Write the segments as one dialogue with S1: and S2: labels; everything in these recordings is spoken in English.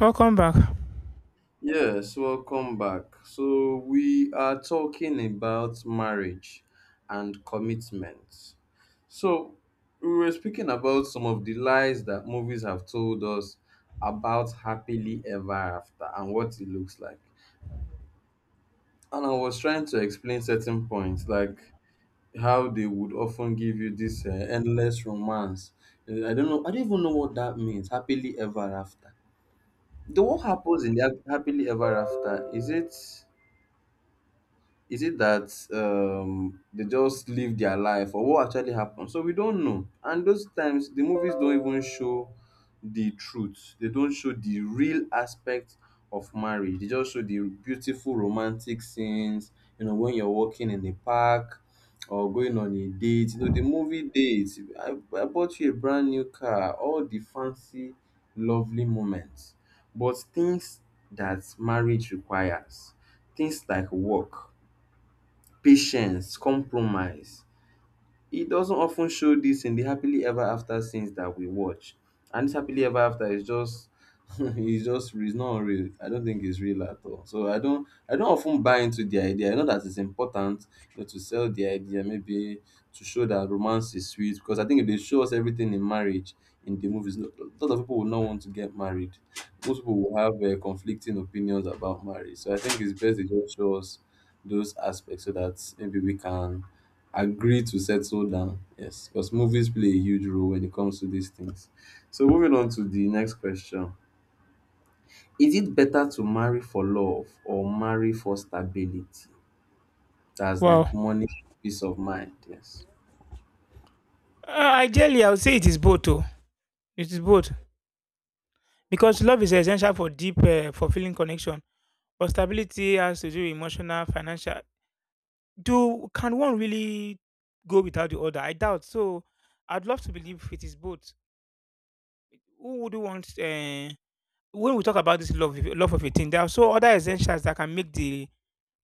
S1: Welcome back.
S2: Yes, welcome back. So, we are talking about marriage and commitment. So, we were speaking about some of the lies that movies have told us about happily ever after and what it looks like. And I was trying to explain certain points, like how they would often give you this endless romance. I don't know, I don't even know what that means, happily ever after. The what happens in the happily ever after? Is it that they just live their life or what actually happened, so we don't know, and those times the movies don't even show the truth. They don't show the real aspect of marriage. They just show the beautiful romantic scenes, you know, when you're walking in the park or going on a date, you know, the movie dates. I bought you a brand new car, all the fancy lovely moments. But things that marriage requires, things like work, patience, compromise. It doesn't often show this in the happily ever after scenes that we watch. And this happily ever after is just it's just it's not real. I don't think it's real at all. So I don't often buy into the idea. I know that it's important, you know, to sell the idea, maybe to show that romance is sweet. Because I think if they show us everything in marriage in the movies, a lot of people will not want to get married. Most people will have conflicting opinions about marriage. So I think it's best they just show us those aspects, so that maybe we can agree to settle down. Yes, because movies play a huge role when it comes to these things. So moving on to the next question. Is it better to marry for love or marry for stability? That's
S1: Wow.
S2: like money, peace of mind. Yes.
S1: Ideally, I would say it is both. Oh. It is both because love is essential for deep, fulfilling connection. But stability has to do with emotional, financial. Do can one really go without the other? I doubt. So, I'd love to believe it is both. Who would you want? When we talk about this love, love of a thing, there are so other essentials that can make the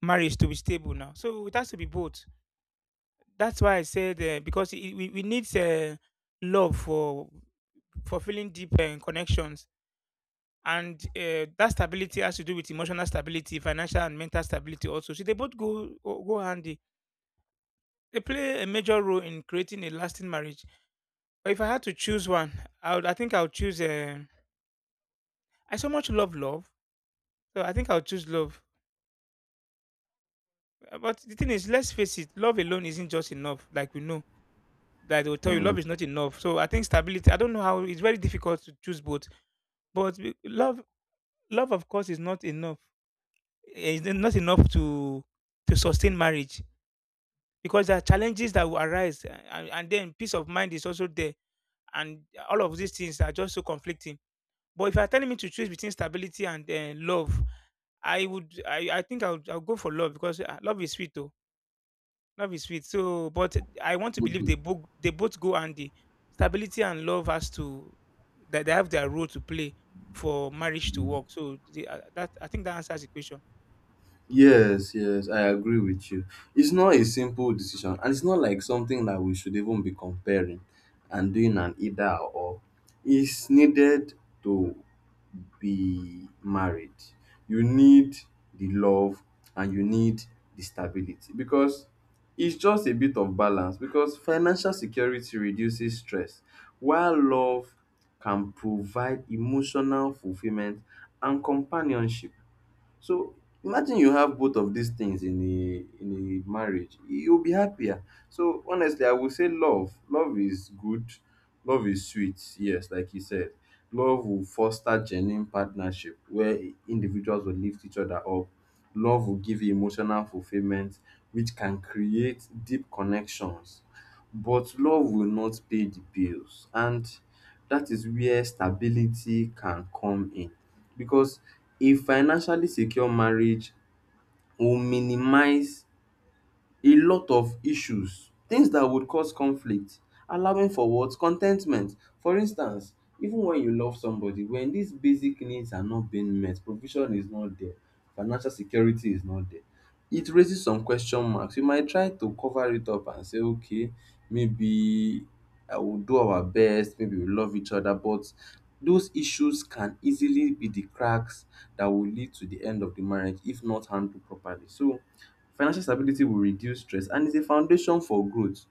S1: marriage to be stable now. So it has to be both. That's why I said because we need love for fulfilling deep connections. And that stability has to do with emotional stability, financial and mental stability also. So they both go handy. They play a major role in creating a lasting marriage. But if I had to choose one, I think I would choose. I so much love love, so I think I would choose love. But the thing is, let's face it, love alone isn't just enough. Like we know that they will tell you,
S2: Mm.
S1: love is not enough. So I think stability. I don't know how it's very difficult to choose both, but love love of course is not enough. It's not enough to sustain marriage because there are challenges that will arise, and then peace of mind is also there. And all of these things are just so conflicting. But if you're telling me to choose between stability and love, I think I'll go for love because love is sweet, though. Love is sweet. So, but I want to believe they
S2: Mhm.
S1: both, they both go handy. Stability and love has to, that they have their role to play for marriage to work. So, the, that I think that answers the question.
S2: Yes, yes, I agree with you. It's not a simple decision, and it's not like something that we should even be comparing and doing an either or. It's needed to be married. You need the love and you need the stability, because it's just a bit of balance. Because financial security reduces stress while love can provide emotional fulfillment and companionship. So imagine you have both of these things in a marriage, you'll be happier. So honestly, I would say love. Love is good. Love is sweet. Yes, like you said, love will foster genuine partnership where individuals will lift each other up. Love will give you emotional fulfillment, which can create deep connections. But love will not pay the bills, and that is where stability can come in, because a financially secure marriage will minimize a lot of issues, things that would cause conflict, allowing for what con ten tment for instance. Even when you love somebody, when these basic needs are not being met, provision is not there, financial security is not there, it raises some question marks. You might try to cover it up and say, okay, maybe I will do our best, maybe we love each other, but those issues can easily be the cracks that will lead to the end of the marriage if not handled properly. So financial stability will reduce stress and is a foundation for growth,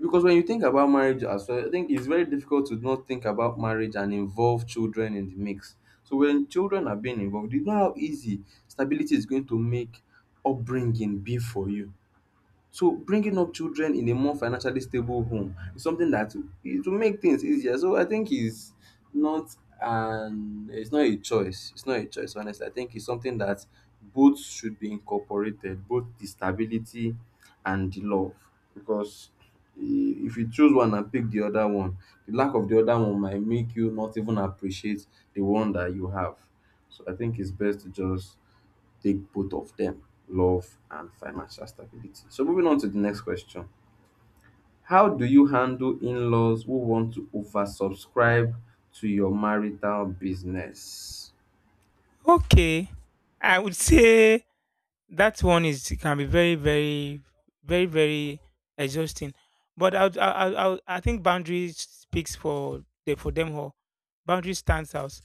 S2: because when you think about marriage as well, I think it's very difficult to not think about marriage and involve children in the mix. So when children are being involved, you know how easy stability is going to make upbringing be for you. So bringing up children in a more financially stable home is something that it will make things easier. So I think it's not an it's not a choice. It's not a choice, honestly. I think it's something that both should be incorporated, both the stability and the love. Because i- if you choose one and pick the other one, the lack of the other one might make you not even appreciate the one that you have. So I think it's best to just take both of them, love and financial stability. So, moving on to the next question. How do you handle in laws who want to oversubscribe to your marital business?
S1: Okay, I would say that one is can be very exhausting. But I, would- I think boundaries speaks for the for them all. Boundaries stands out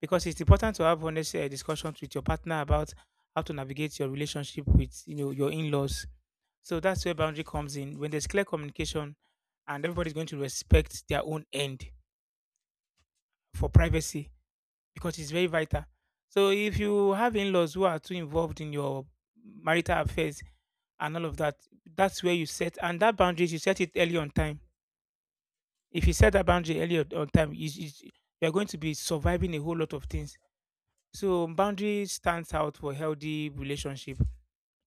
S1: because it's important to have honest discussions with your partner about how to navigate your relationship with your in-laws. So that's where boundary comes in. When there's clear communication, and everybody's going to respect their own end for privacy because it's very vital. So if you have in-laws who are too involved in your marital affairs and all of that, that's where you set and that boundaries you set it early on time. If you set that boundary early on time, is you're going to be surviving a whole lot of things. So boundary stands out for healthy relationship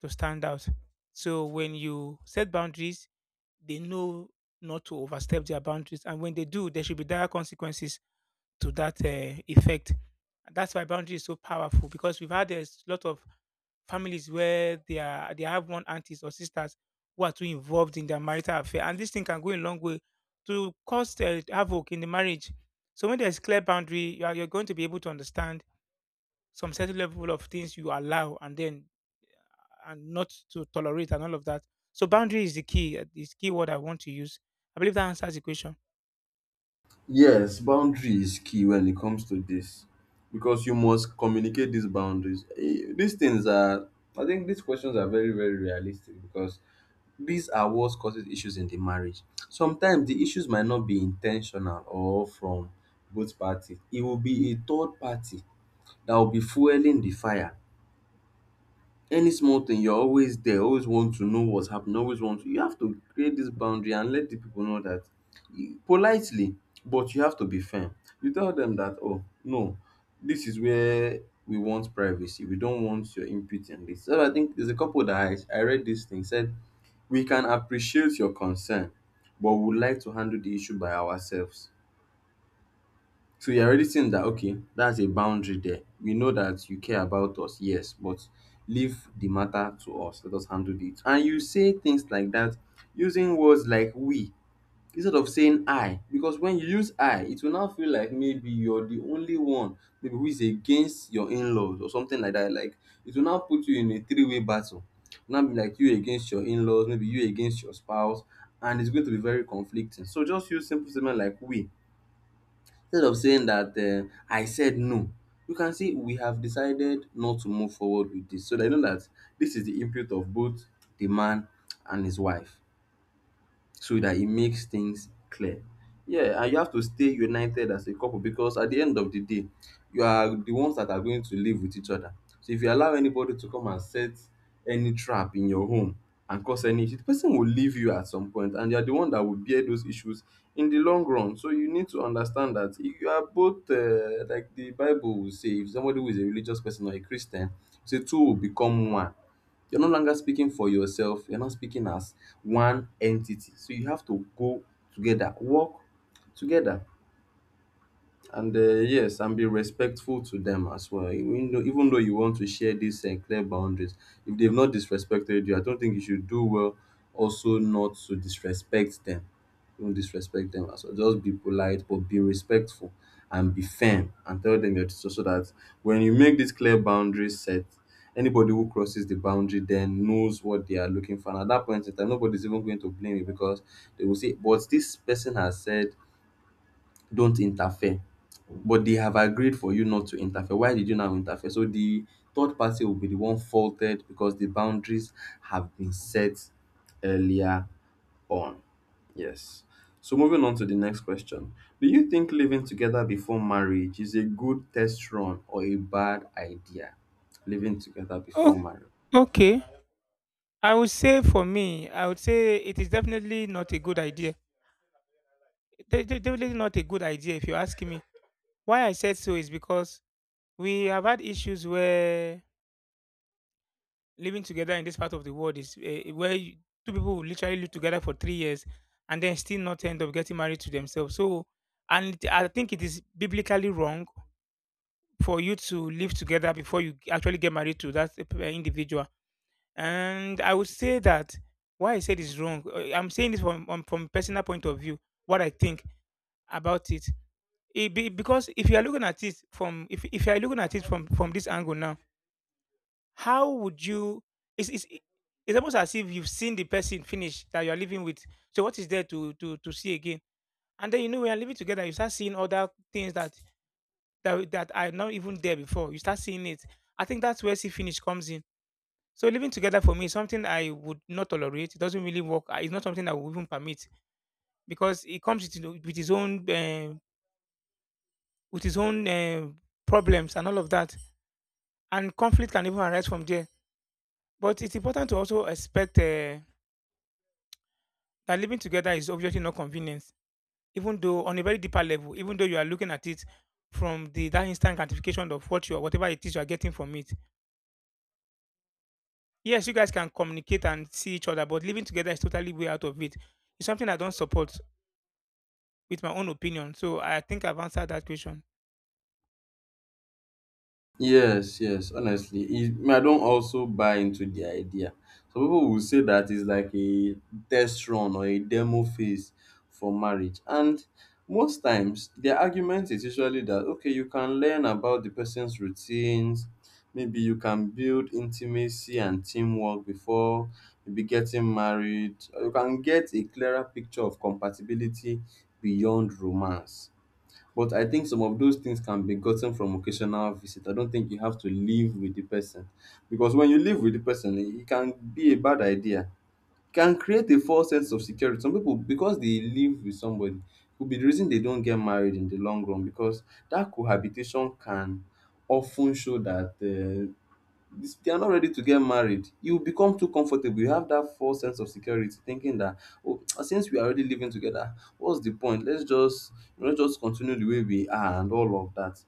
S1: to stand out. So when you set boundaries, they know not to overstep their boundaries, and when they do, there should be dire consequences to that effect. And that's why boundary is so powerful because we've had a lot of families where they have one aunties or sisters who are too involved in their marital affair, and this thing can go a long way to cause havoc in the marriage. So when there's clear boundary, you're going to be able to understand some certain level of things you allow and not to tolerate and all of that. So boundary is the key. Is key word I want to use. I believe that answers the question.
S2: Yes, boundary is key when it comes to this, because you must communicate these boundaries. Eh, these things are, I think these questions are very, very realistic, because these are what causes issues in the marriage. Sometimes the issues might not be intentional or from both parties. It will be a third party that will be fueling the fire. Any small thing, you're always there, always want to know what's happening, always want to. You have to create this boundary and let the people know that politely, but you have to be firm. You tell them that, oh, no, this is where we want privacy. We don't want your input in this. So I think there's a couple that I read, this thing said, we can appreciate your concern, but would like to handle the issue by ourselves. So you're already seeing that, okay, that's a boundary there. We know that you care about us, yes, but leave the matter to us. Let us handle it. And you say things like that, using words like we instead of saying I, because when you use I, it will now feel like maybe you're the only one, maybe who is against your in-laws or something like that. Like it will now put you in a three-way battle. Now be like you against your in-laws, maybe you against your spouse, and it's going to be very conflicting. So just use simple statement like we instead of saying that I said no. You can see we have decided not to move forward with this, so that know that this is the input of both the man and his wife, so that it makes things clear. Yeah, and you have to stay united as a couple, because at the end of the day, you are the ones that are going to live with each other. So if you allow anybody to come and set any trap in your home and cause any issue, the person will leave you at some point and you're the one that will bear those issues in the long run. So you need to understand that you are both, like the Bible will say, if somebody who is a religious person or a Christian, say two will become one. You're no longer speaking for yourself. You're not speaking as one entity. So you have to go together, work together. And yes, and be respectful to them as well. Even though you want to share these clear boundaries, if they've not disrespected you, I don't think you should do well also not to disrespect them. Don't disrespect them as well. Just be polite, but be respectful and be firm and tell them that, so, so that when you make this clear boundaries set, anybody who crosses the boundary then knows what they are looking for. And at that point in time, nobody's even going to blame you, because they will say, but this person has said don't interfere, but they have agreed for you not to interfere, why did you now interfere? So the third party will be the one faulted, because the boundaries have been set earlier on. Yes, so moving on to the next question. Do you think living together before marriage is a good test run or a bad idea? Living together
S1: Oh,
S2: before marriage.
S1: okay. I would say for me, I would say it is definitely not a good idea, definitely not a good idea if you ask me. Why I said so is because we have had issues where living together in this part of the world is where two people will literally live together for 3 years and then still not end up getting married to themselves. So, and I think it is biblically wrong for you to live together before you actually get married to that individual. And I would say that why I said is wrong. I'm saying this from personal point of view, what I think about it it be, because if you are looking at it from if you are looking at it from this angle now, how would you, it's, it's it's almost as if you've seen the person finish that you are living with, so what is there to see again. And then you know when you're living together you start seeing other things that are not even there before you start seeing it. I think that's where see finish comes in. So living together for me is something I would not tolerate. It doesn't really work. It's not something I would even permit because it comes with its own problems and all of that, and conflict can even arise from there. But it's important to also expect that living together is obviously not convenience, even though on a very deeper level, even though you are looking at it from the that instant gratification of what you are, whatever it is you are getting from it. Yes, you guys can communicate and see each other, but living together is totally way out of it. It's something I don't support with my own opinion. So I think I've answered that question.
S2: Yes, yes, honestly, it, me, I don't also buy into the idea. Some people will say that it's like a test run or a demo phase for marriage. And most times, their argument is usually that, okay, you can learn about the person's routines, maybe you can build intimacy and teamwork before maybe getting married, or you can get a clearer picture of compatibility beyond romance. But I think some of those things can be gotten from occasional visit. I don't think you have to live with the person. Because when you live with the person, it can be a bad idea. It can create a false sense of security. Some people, because they live with somebody, could be the reason they don't get married in the long run because that cohabitation can often show that this they are not ready to get married. You become too comfortable, you have that false sense of security thinking that, oh, since we are already living together, what's the point? Let's just continue the way we are and all of that.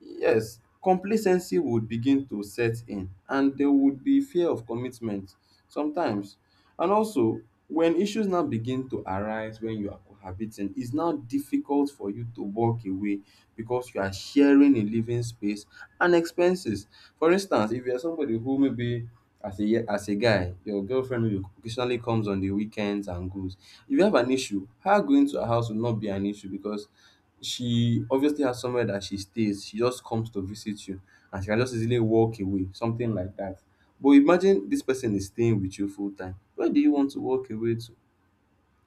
S2: Yes, complacency would begin to set in, and there would be fear of commitment sometimes. And also, when issues now begin to arise, when you are cohabiting, it's now difficult for you to walk away because you are sharing a living space and expenses. For instance, if you're somebody who maybe as a guy, your girlfriend maybe occasionally comes on the weekends and goes. If you have an issue, her going to her house will not be an issue because she obviously has somewhere that she stays. She just comes to visit you, and she can just easily walk away, something like that. But imagine this person is staying with you full time. Where do you want to walk away to?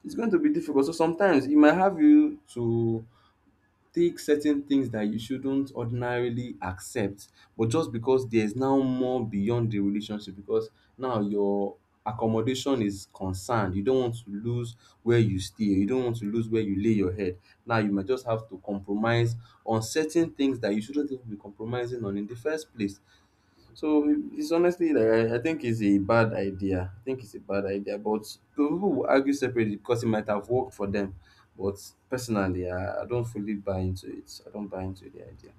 S2: It's going to be difficult. So sometimes it might have you to take certain things that you shouldn't ordinarily accept, but just because there's now more beyond the relationship, because now your accommodation is concerned, you don't want to lose where you stay, you don't want to lose where you lay your head. Now you might just have to compromise on certain things that you shouldn't even be compromising on in the first place. So it's honestly like, I think it's a bad idea. I think it's a bad idea, but people will argue separately because it might have worked for them. But personally, I don't fully buy into it. I don't buy into the idea.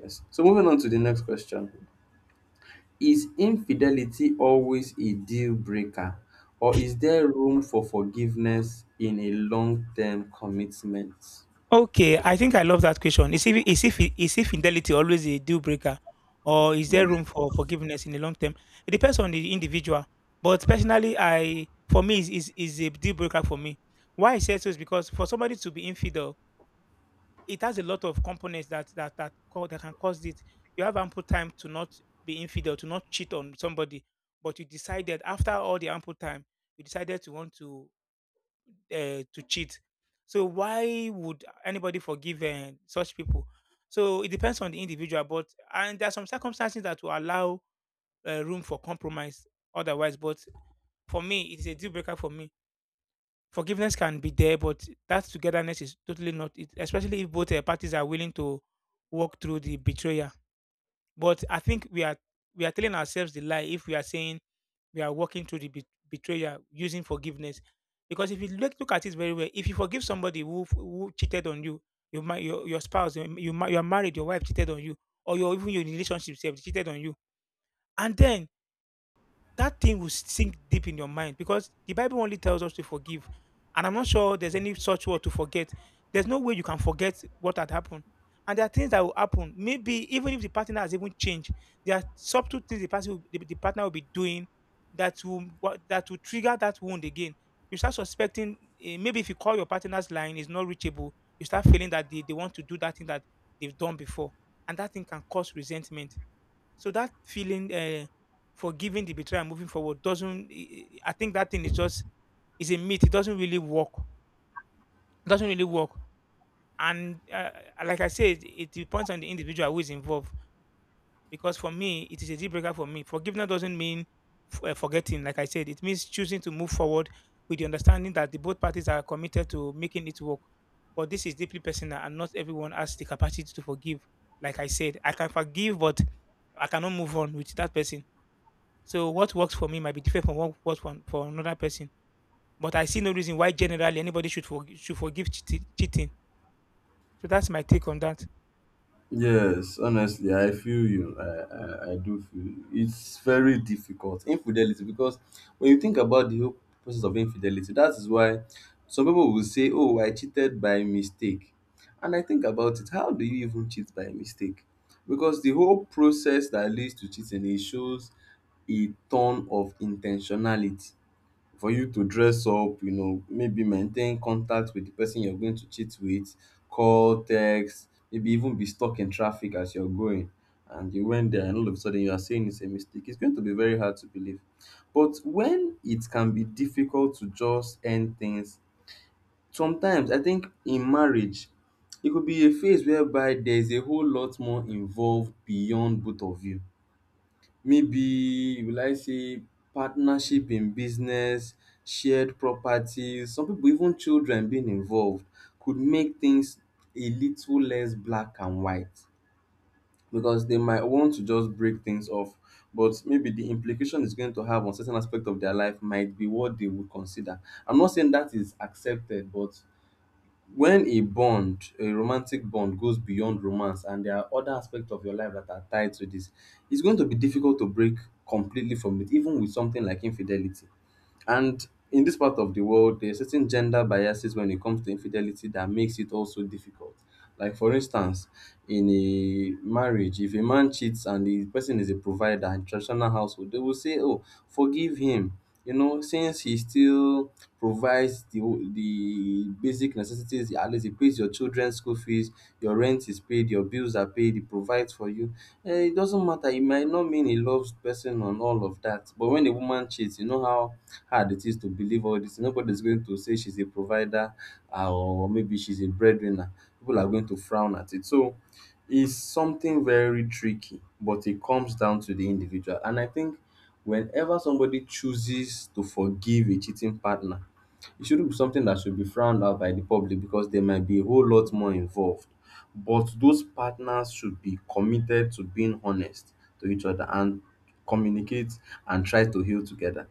S2: Yes. So moving on to the next question: Is infidelity always a deal breaker, or is there room for forgiveness in a long-term commitment?
S1: Okay, I think I love that question. Is if is if is if fidelity always a deal breaker, or is
S2: Hmm.
S1: there room for forgiveness in the long term? It depends on the individual. But personally, I for me is a deal breaker for me. Why I say so is because for somebody to be infidel, it has a lot of components that can cause it. You have ample time to not be infidel, to not cheat on somebody, but you decided after all the ample time, you decided to want to cheat. So why would anybody forgive such people? So it depends on the individual, but and there are some circumstances that will allow room for compromise. Otherwise, but for me, it is a deal breaker for me. Forgiveness can be there, but that togetherness is totally not it, especially if both parties are willing to walk through the betrayal. But I think we are telling ourselves the lie if we are saying we are walking through the betrayal using forgiveness. Because if you look at it very well, if you forgive somebody who cheated on you, your spouse, you are married, your wife cheated on you, or your even your relationship self cheated on you, and then that thing will sink deep in your mind because the Bible only tells us to forgive. And I'm not sure there's any such word to forget. There's no way you can forget what had happened. And there are things that will happen. Maybe even if the partner has even changed, there are subtle things the partner will be doing that will that will trigger that wound again. You start suspecting. Maybe if you call your partner's line, it's not reachable. You start feeling that they want to do that thing that they've done before, and that thing can cause resentment. So that feeling, forgiving the betrayal and moving forward, doesn't. I think that thing is just is a myth. It doesn't really work. It doesn't really work. And like I said, it depends on the individual who is involved. Because for me, it is a deal breaker for me. Forgiveness doesn't mean forgetting. Like I said, it means choosing to move forward with the understanding that the both parties are committed to making it work. But this is deeply personal, and not everyone has the capacity to forgive. Like I said, I can forgive, but I cannot move on with that person. So what works for me might be different from what works for another person. But I see no reason why generally anybody should forgive cheating. So that's my take on that.
S2: Yes, honestly, I feel you. I do feel you. It's very difficult. Infidelity, because when you think about the whole process of infidelity, that is why some people will say, "Oh, I cheated by mistake." And I think about it, how do you even cheat by mistake? Because the whole process that leads to cheating, it shows a ton of intentionality. For you to dress up, you know, maybe maintain contact with the person you're going to cheat with, call, text, maybe even be stuck in traffic as you're going. And you went there, and all of a sudden you are saying it's a mistake. It's going to be very hard to believe. But when it can be difficult to just end things. Sometimes I think in marriage, it could be a phase whereby there's a whole lot more involved beyond both of you. Maybe, will I say, partnership in business, shared properties. Some people, even children being involved, could make things a little less black and white, because they might want to just break things off. But maybe the implication is going to have on certain aspect of their life might be what they would consider. I'm not saying that is accepted, but when a bond, a romantic bond, goes beyond romance, and there are other aspects of your life that are tied to this, it's going to be difficult to break completely from it, even with something like infidelity. And in this part of the world, there are certain gender biases when it comes to infidelity that makes it also difficult. Like, for instance, in a marriage, if a man cheats and the person is a provider in traditional household, they will say, "Oh, forgive him, you know, since he still provides the basic necessities. At least it pays your children's school fees, your rent is paid, your bills are paid, he provides for you." It doesn't matter, it might not mean he loves person and all of that. But when a woman cheats, you know how hard it is to believe all this. Nobody's going to say she's a provider, or maybe she's a breadwinner. People are going to frown at it. So it's something very tricky, but it comes down to the individual. And I think whenever somebody chooses to forgive a cheating partner, it shouldn't be something that should be frowned out by the public, because there might be a whole lot more involved. But those partners should be committed to being honest to each other, and communicate, and try to heal together.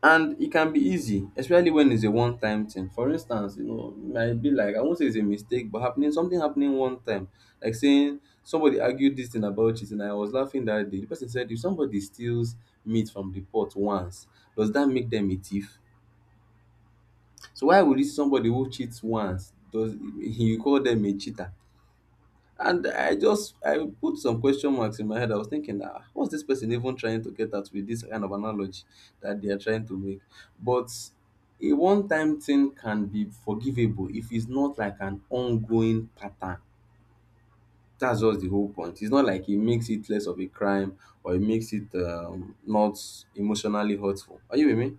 S2: And it can be easy, especially when it's a one time thing. For instance, you know, it might be like, I won't say it's a mistake, but happening, something happening one time. Like saying, somebody argued this thing about cheating, and I was laughing that day. The person said, if somebody steals meat from the pot once, does that make them a thief? So why would this somebody who cheats once does, you call them a cheater? And I just, I put some question marks in my head. I was thinking, ah, what's this person even trying to get at with this kind of analogy that they are trying to make? But a one-time thing can be forgivable if it's not like an ongoing pattern. That's just the whole point. It's not like it makes it less of a crime, or it makes it not emotionally hurtful. Are you with me?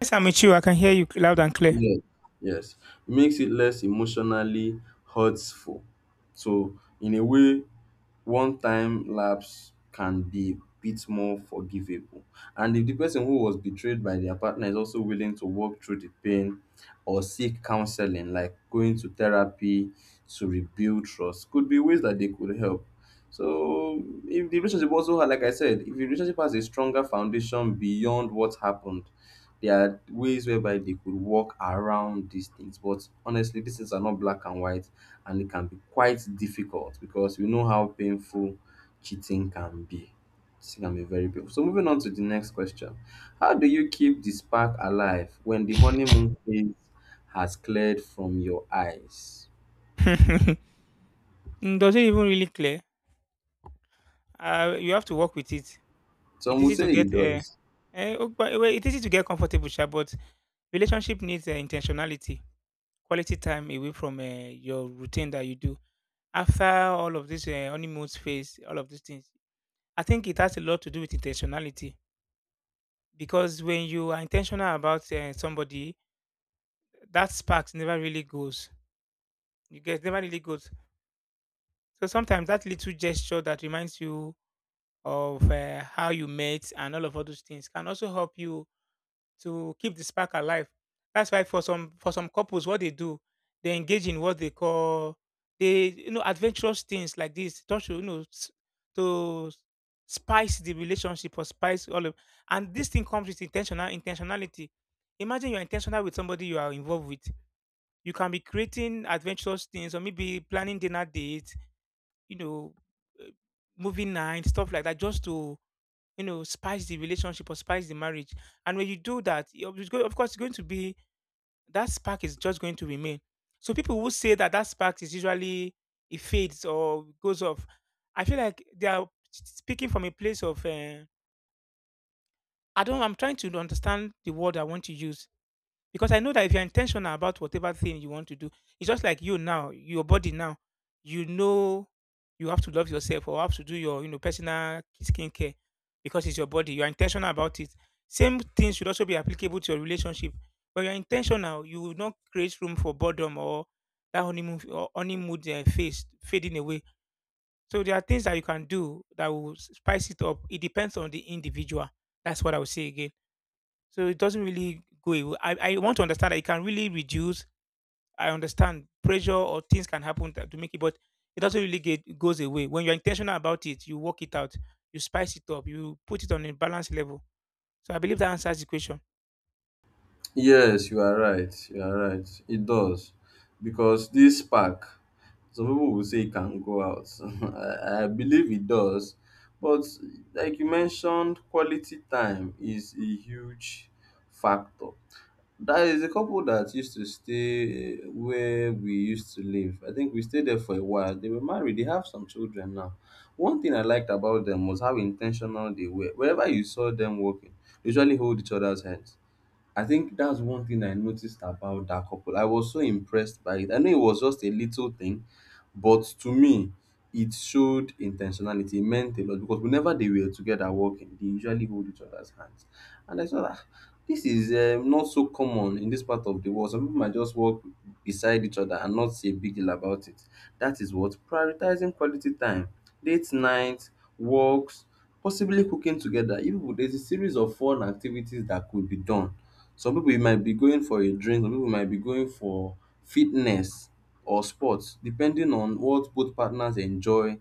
S1: Yes, I'm with you. I can hear you loud and clear.
S2: Yes, yes. It makes it less emotionally hurtful. So, in a way, one time lapse can be a bit more forgivable. And if the person who was betrayed by their partner is also willing to walk through the pain or seek counseling, like going to therapy to rebuild trust, could be ways that they could help. So, if the relationship also, like I said, if the relationship has a stronger foundation beyond what happened, there are ways whereby they could work around these things. But honestly, these things are not black and white, and it can be quite difficult because we know how painful cheating can be. Cheating can be very painful. So moving on to the next question. How do you keep the spark alive when the honeymoon phase has cleared from your eyes?
S1: Mm, does it even really clear? You have to work with it. It
S2: Some will
S1: is easy to
S2: say
S1: get
S2: it does.
S1: oh, but, well, it is easy to get comfortable, sha, but relationship needs intentionality, quality time away from your routine that you do. After all of this honeymoon phase, all of these things, I think it has a lot to do with intentionality because when you are intentional about somebody, that spark never really goes. You get never really goes. So sometimes that little gesture that reminds you of how you met and all those things can also help you to keep the spark alive. That's why for some couples, what they do, they engage in what they call they you know adventurous things like this, just to to s- spice the relationship or spice all of. And this thing comes with intentionality. Imagine you're intentional with somebody you are involved with. You can be creating adventurous things or maybe planning dinner dates, you know, uh, movie night, stuff like that, just to spice the relationship or spice the marriage. And when you do that, of course, it's going to be that spark is just going to remain. So people who say that that spark is usually it fades or goes off, I feel like they are speaking from a place of I don't. I'm trying to understand the word I want to use because I know that if you're intentional about whatever thing you want to do, it's just like you now, your body now, you know you have to love yourself or have to do your personal skincare because it's your body. You're intentional about it. Same thing should also be applicable to your relationship. When you're intentional, you will not create room for boredom or that honeymoon or honeymoon phase fading away. So there are things that you can do that will spice it up. It depends on the individual. That's what I would say again. So it doesn't really go away. I want to understand that it can really reduce. I understand pressure or things can happen to make it, but it doesn't really get goes away. When you're intentional about it, you work it out, you spice it up, you put it on a balanced level. So I believe that answers the question.
S2: Yes, you are right. You are right. It does. Because this spark, some people will say it can go out. I believe it does. But like you mentioned, quality time is a huge factor. There is a couple that used to stay, where we used to live. I think we stayed there for a while. They were married. They have some children now. One thing I liked about them was how intentional they were. Wherever you saw them walking, they usually hold each other's hands. I think that's one thing I noticed about that couple. I was so impressed by it. I know it was just a little thing, but to me, it showed intentionality. It meant a lot because whenever they were together working, they usually hold each other's hands. And I thought, "Ah, this is not so common in this part of the world. Some people might just work beside each other and not say a big deal about it." That is what, prioritizing quality time, date nights, walks, possibly cooking together. Even there's a series of fun activities that could be done. Some people might be going for a drink, some people might be going for fitness or sports, depending on what both partners enjoy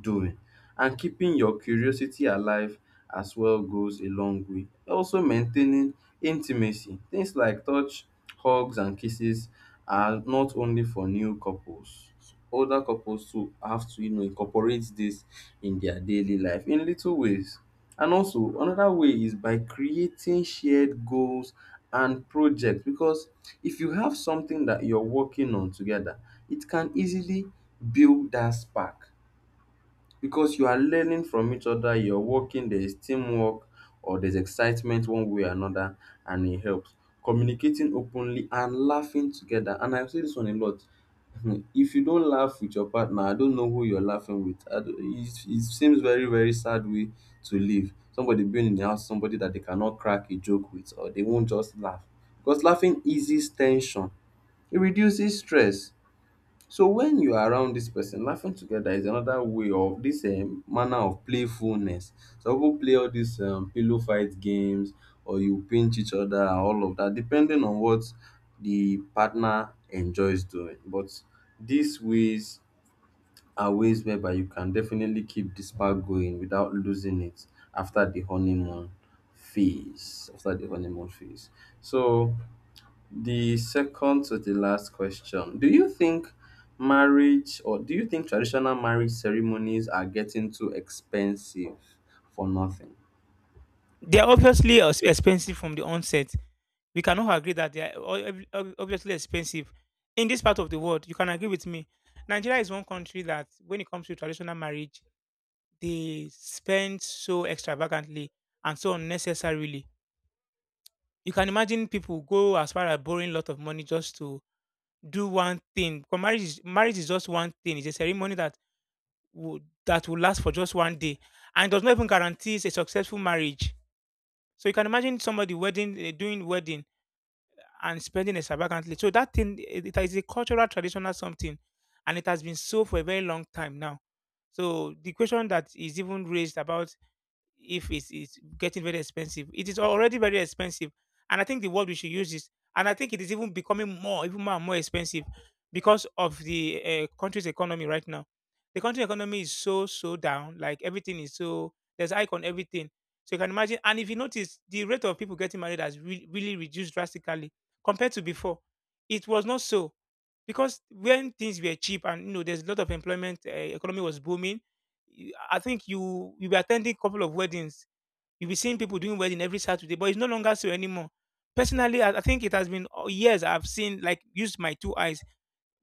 S2: doing. And keeping your curiosity alive as well goes a long way. Also, maintaining intimacy. Things like touch, hugs, and kisses are not only for new couples. Older couples too have to, you know, incorporate this in their daily life in little ways. And also another way is by creating shared goals and projects, because if you have something that you're working on together, it can easily build that spark, because you are learning from each other, you're working, there's teamwork or there's excitement one way or another, and it helps. Communicating openly and laughing together. And I say this one a lot. If you don't laugh with your partner, I don't know who you're laughing with. I don't, it seems very, very sad way to live. Somebody being in the house, somebody that they cannot crack a joke with, or they won't just laugh. Because laughing eases tension, it reduces stress. So when you are around this person, laughing together is another way of this manner of playfulness. Some people play all these pillow fight games, or you pinch each other, and all of that, depending on what the partner enjoys doing. But these ways are ways whereby you can definitely keep the spark going without losing it after the honeymoon phase. After the honeymoon phase, so the second to the last question. Do you think marriage, or do you think traditional marriage ceremonies are getting too expensive for nothing?
S1: They are obviously expensive from the onset. We cannot agree that they are obviously expensive. In this part of the world, you can agree with me. Nigeria is one country that, when it comes to traditional marriage, they spend so extravagantly and so unnecessarily. You can imagine people go as far as borrowing a lot of money just to do one thing. Because marriage is just one thing. It's a ceremony that would that will last for just one day and does not even guarantee a successful marriage. So you can imagine somebody wedding eh, doing wedding and spending extravagantly. So that thing eh, it is a cultural traditional something, and it has been so for a very long time now. So the question that is even raised about if it's getting very expensive. It is already very expensive. And I think the word we should use is, and I think it is even becoming more, even more and more expensive because of the country's economy right now. The country economy is so, so down. Like everything is so, there's hike on everything. So you can imagine. And if you notice, the rate of people getting married has really reduced drastically compared to before. It was not so because when things were cheap and, you know, there's a lot of employment, economy was booming. You- I think you'll be attending a couple of weddings. You'll be seeing people doing wedding every Saturday, but it's no longer so anymore. Personally, I think it has been years I've seen like used my two eyes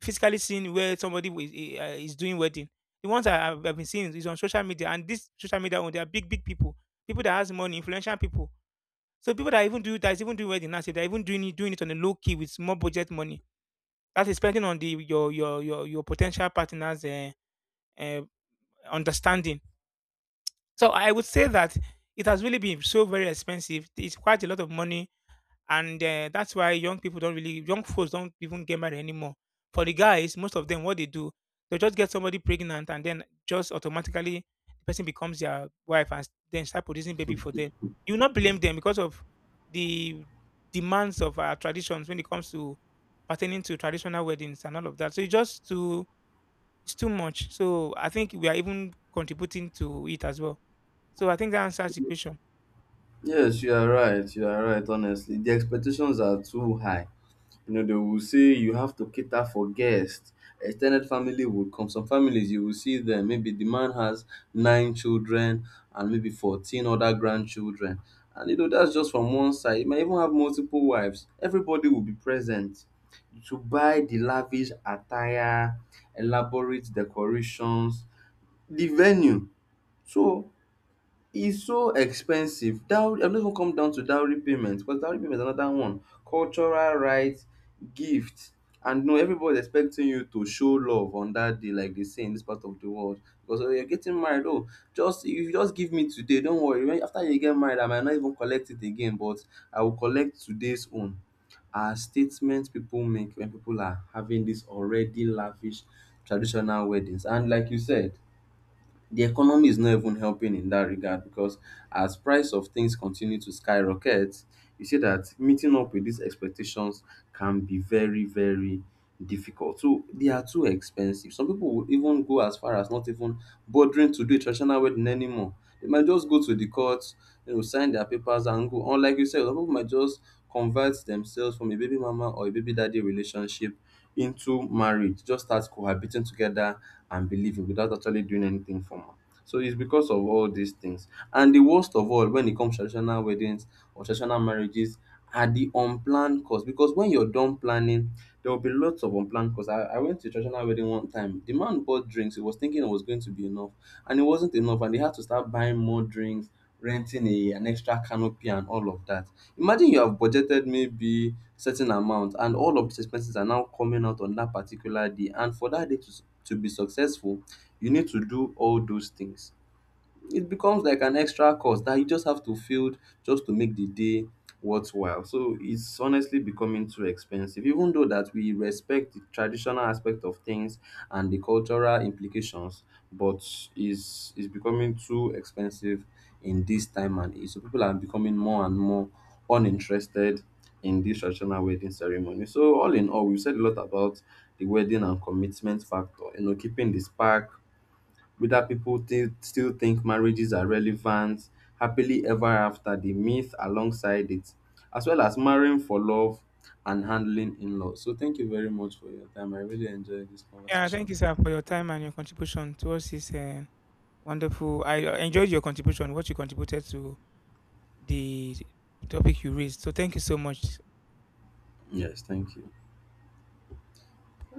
S1: physically seen where somebody is doing wedding. The ones I've been seeing is on social media, and this social media one, they are big big people, people that has money, influential people. So people that even do that is even doing wedding now, say they're even doing it on a low key with small budget money. That is depending on the your potential partners. Uh, understanding. So I would say that it has really been so very expensive. It's quite a lot of money, and that's why young folks don't even get married anymore. For the guys, most of them, what they do, they just get somebody pregnant, and then just automatically the person becomes their wife, and then start producing baby for them. You will not blame them because of the demands of our traditions when it comes to pertaining to traditional weddings and all of that. So it's just to it's too much. So I think we are even contributing to it as well. So I think that answers the question.
S2: Yes, you are right. You are right, honestly. The expectations are too high. You know, they will say you have to cater for guests. Extended family will come. Some families, you will see them. Maybe the man has 9 children and maybe 14 other grandchildren. And you know, that's just from one side. You might even have multiple wives. Everybody will be present. To buy the lavish attire, elaborate decorations, the venue. So it's so expensive. Dowry, I am not even come down to dowry payment, because dowry payment is another one. Cultural rights, gift, and no, everybody's expecting you to show love on that day, like they say in this part of the world. Because, oh, you're getting married, oh, just if you just give me today, don't worry. When, after you get married, I might not even collect it again, but I will collect today's own. Are statements people make when people are having these already lavish traditional weddings. And like you said, the economy is not even helping in that regard, because as price of things continue to skyrocket, you see that meeting up with these expectations can be very, very difficult. So they are too expensive. Some people will even go as far as not even bothering to do a traditional wedding anymore. They might just go to the court, you know, sign their papers and go. Unlike you said, some people might just convert themselves from a baby mama or a baby daddy relationship into marriage, just start cohabiting together and believing without actually doing anything formal. So it's because of all these things. And the worst of all, when it comes to traditional weddings or traditional marriages, are the unplanned costs. Because when you're done planning, there will be lots of unplanned costs. I went to a traditional wedding one time. The man bought drinks. He was thinking it was going to be enough, and it wasn't enough, and they had to start buying more drinks, renting a an extra canopy and all of that. Imagine you have budgeted maybe certain amount, and all of these expenses are now coming out on that particular day, and for that day to, to be successful, you need to do all those things. It becomes like an extra cost that you just have to field just to make the day worthwhile. So it's honestly becoming too expensive, even though that we respect the traditional aspect of things and the cultural implications, but is becoming too expensive in this time and age. So people are becoming more and more uninterested in this traditional wedding ceremony. So all in all, we've said a lot about the wedding and commitment factor, you know, keeping the spark, whether people still think marriages are relevant, happily ever after, the myth alongside it, as well as marrying for love and handling in laws. So, thank you very much for your time. I really enjoyed this
S1: Yeah,
S2: conversation.
S1: thank you, sir, for your time and your contribution towards this wonderful. I enjoyed your contribution, what you contributed to the topic you raised. So thank you so much.
S2: Yes, thank you.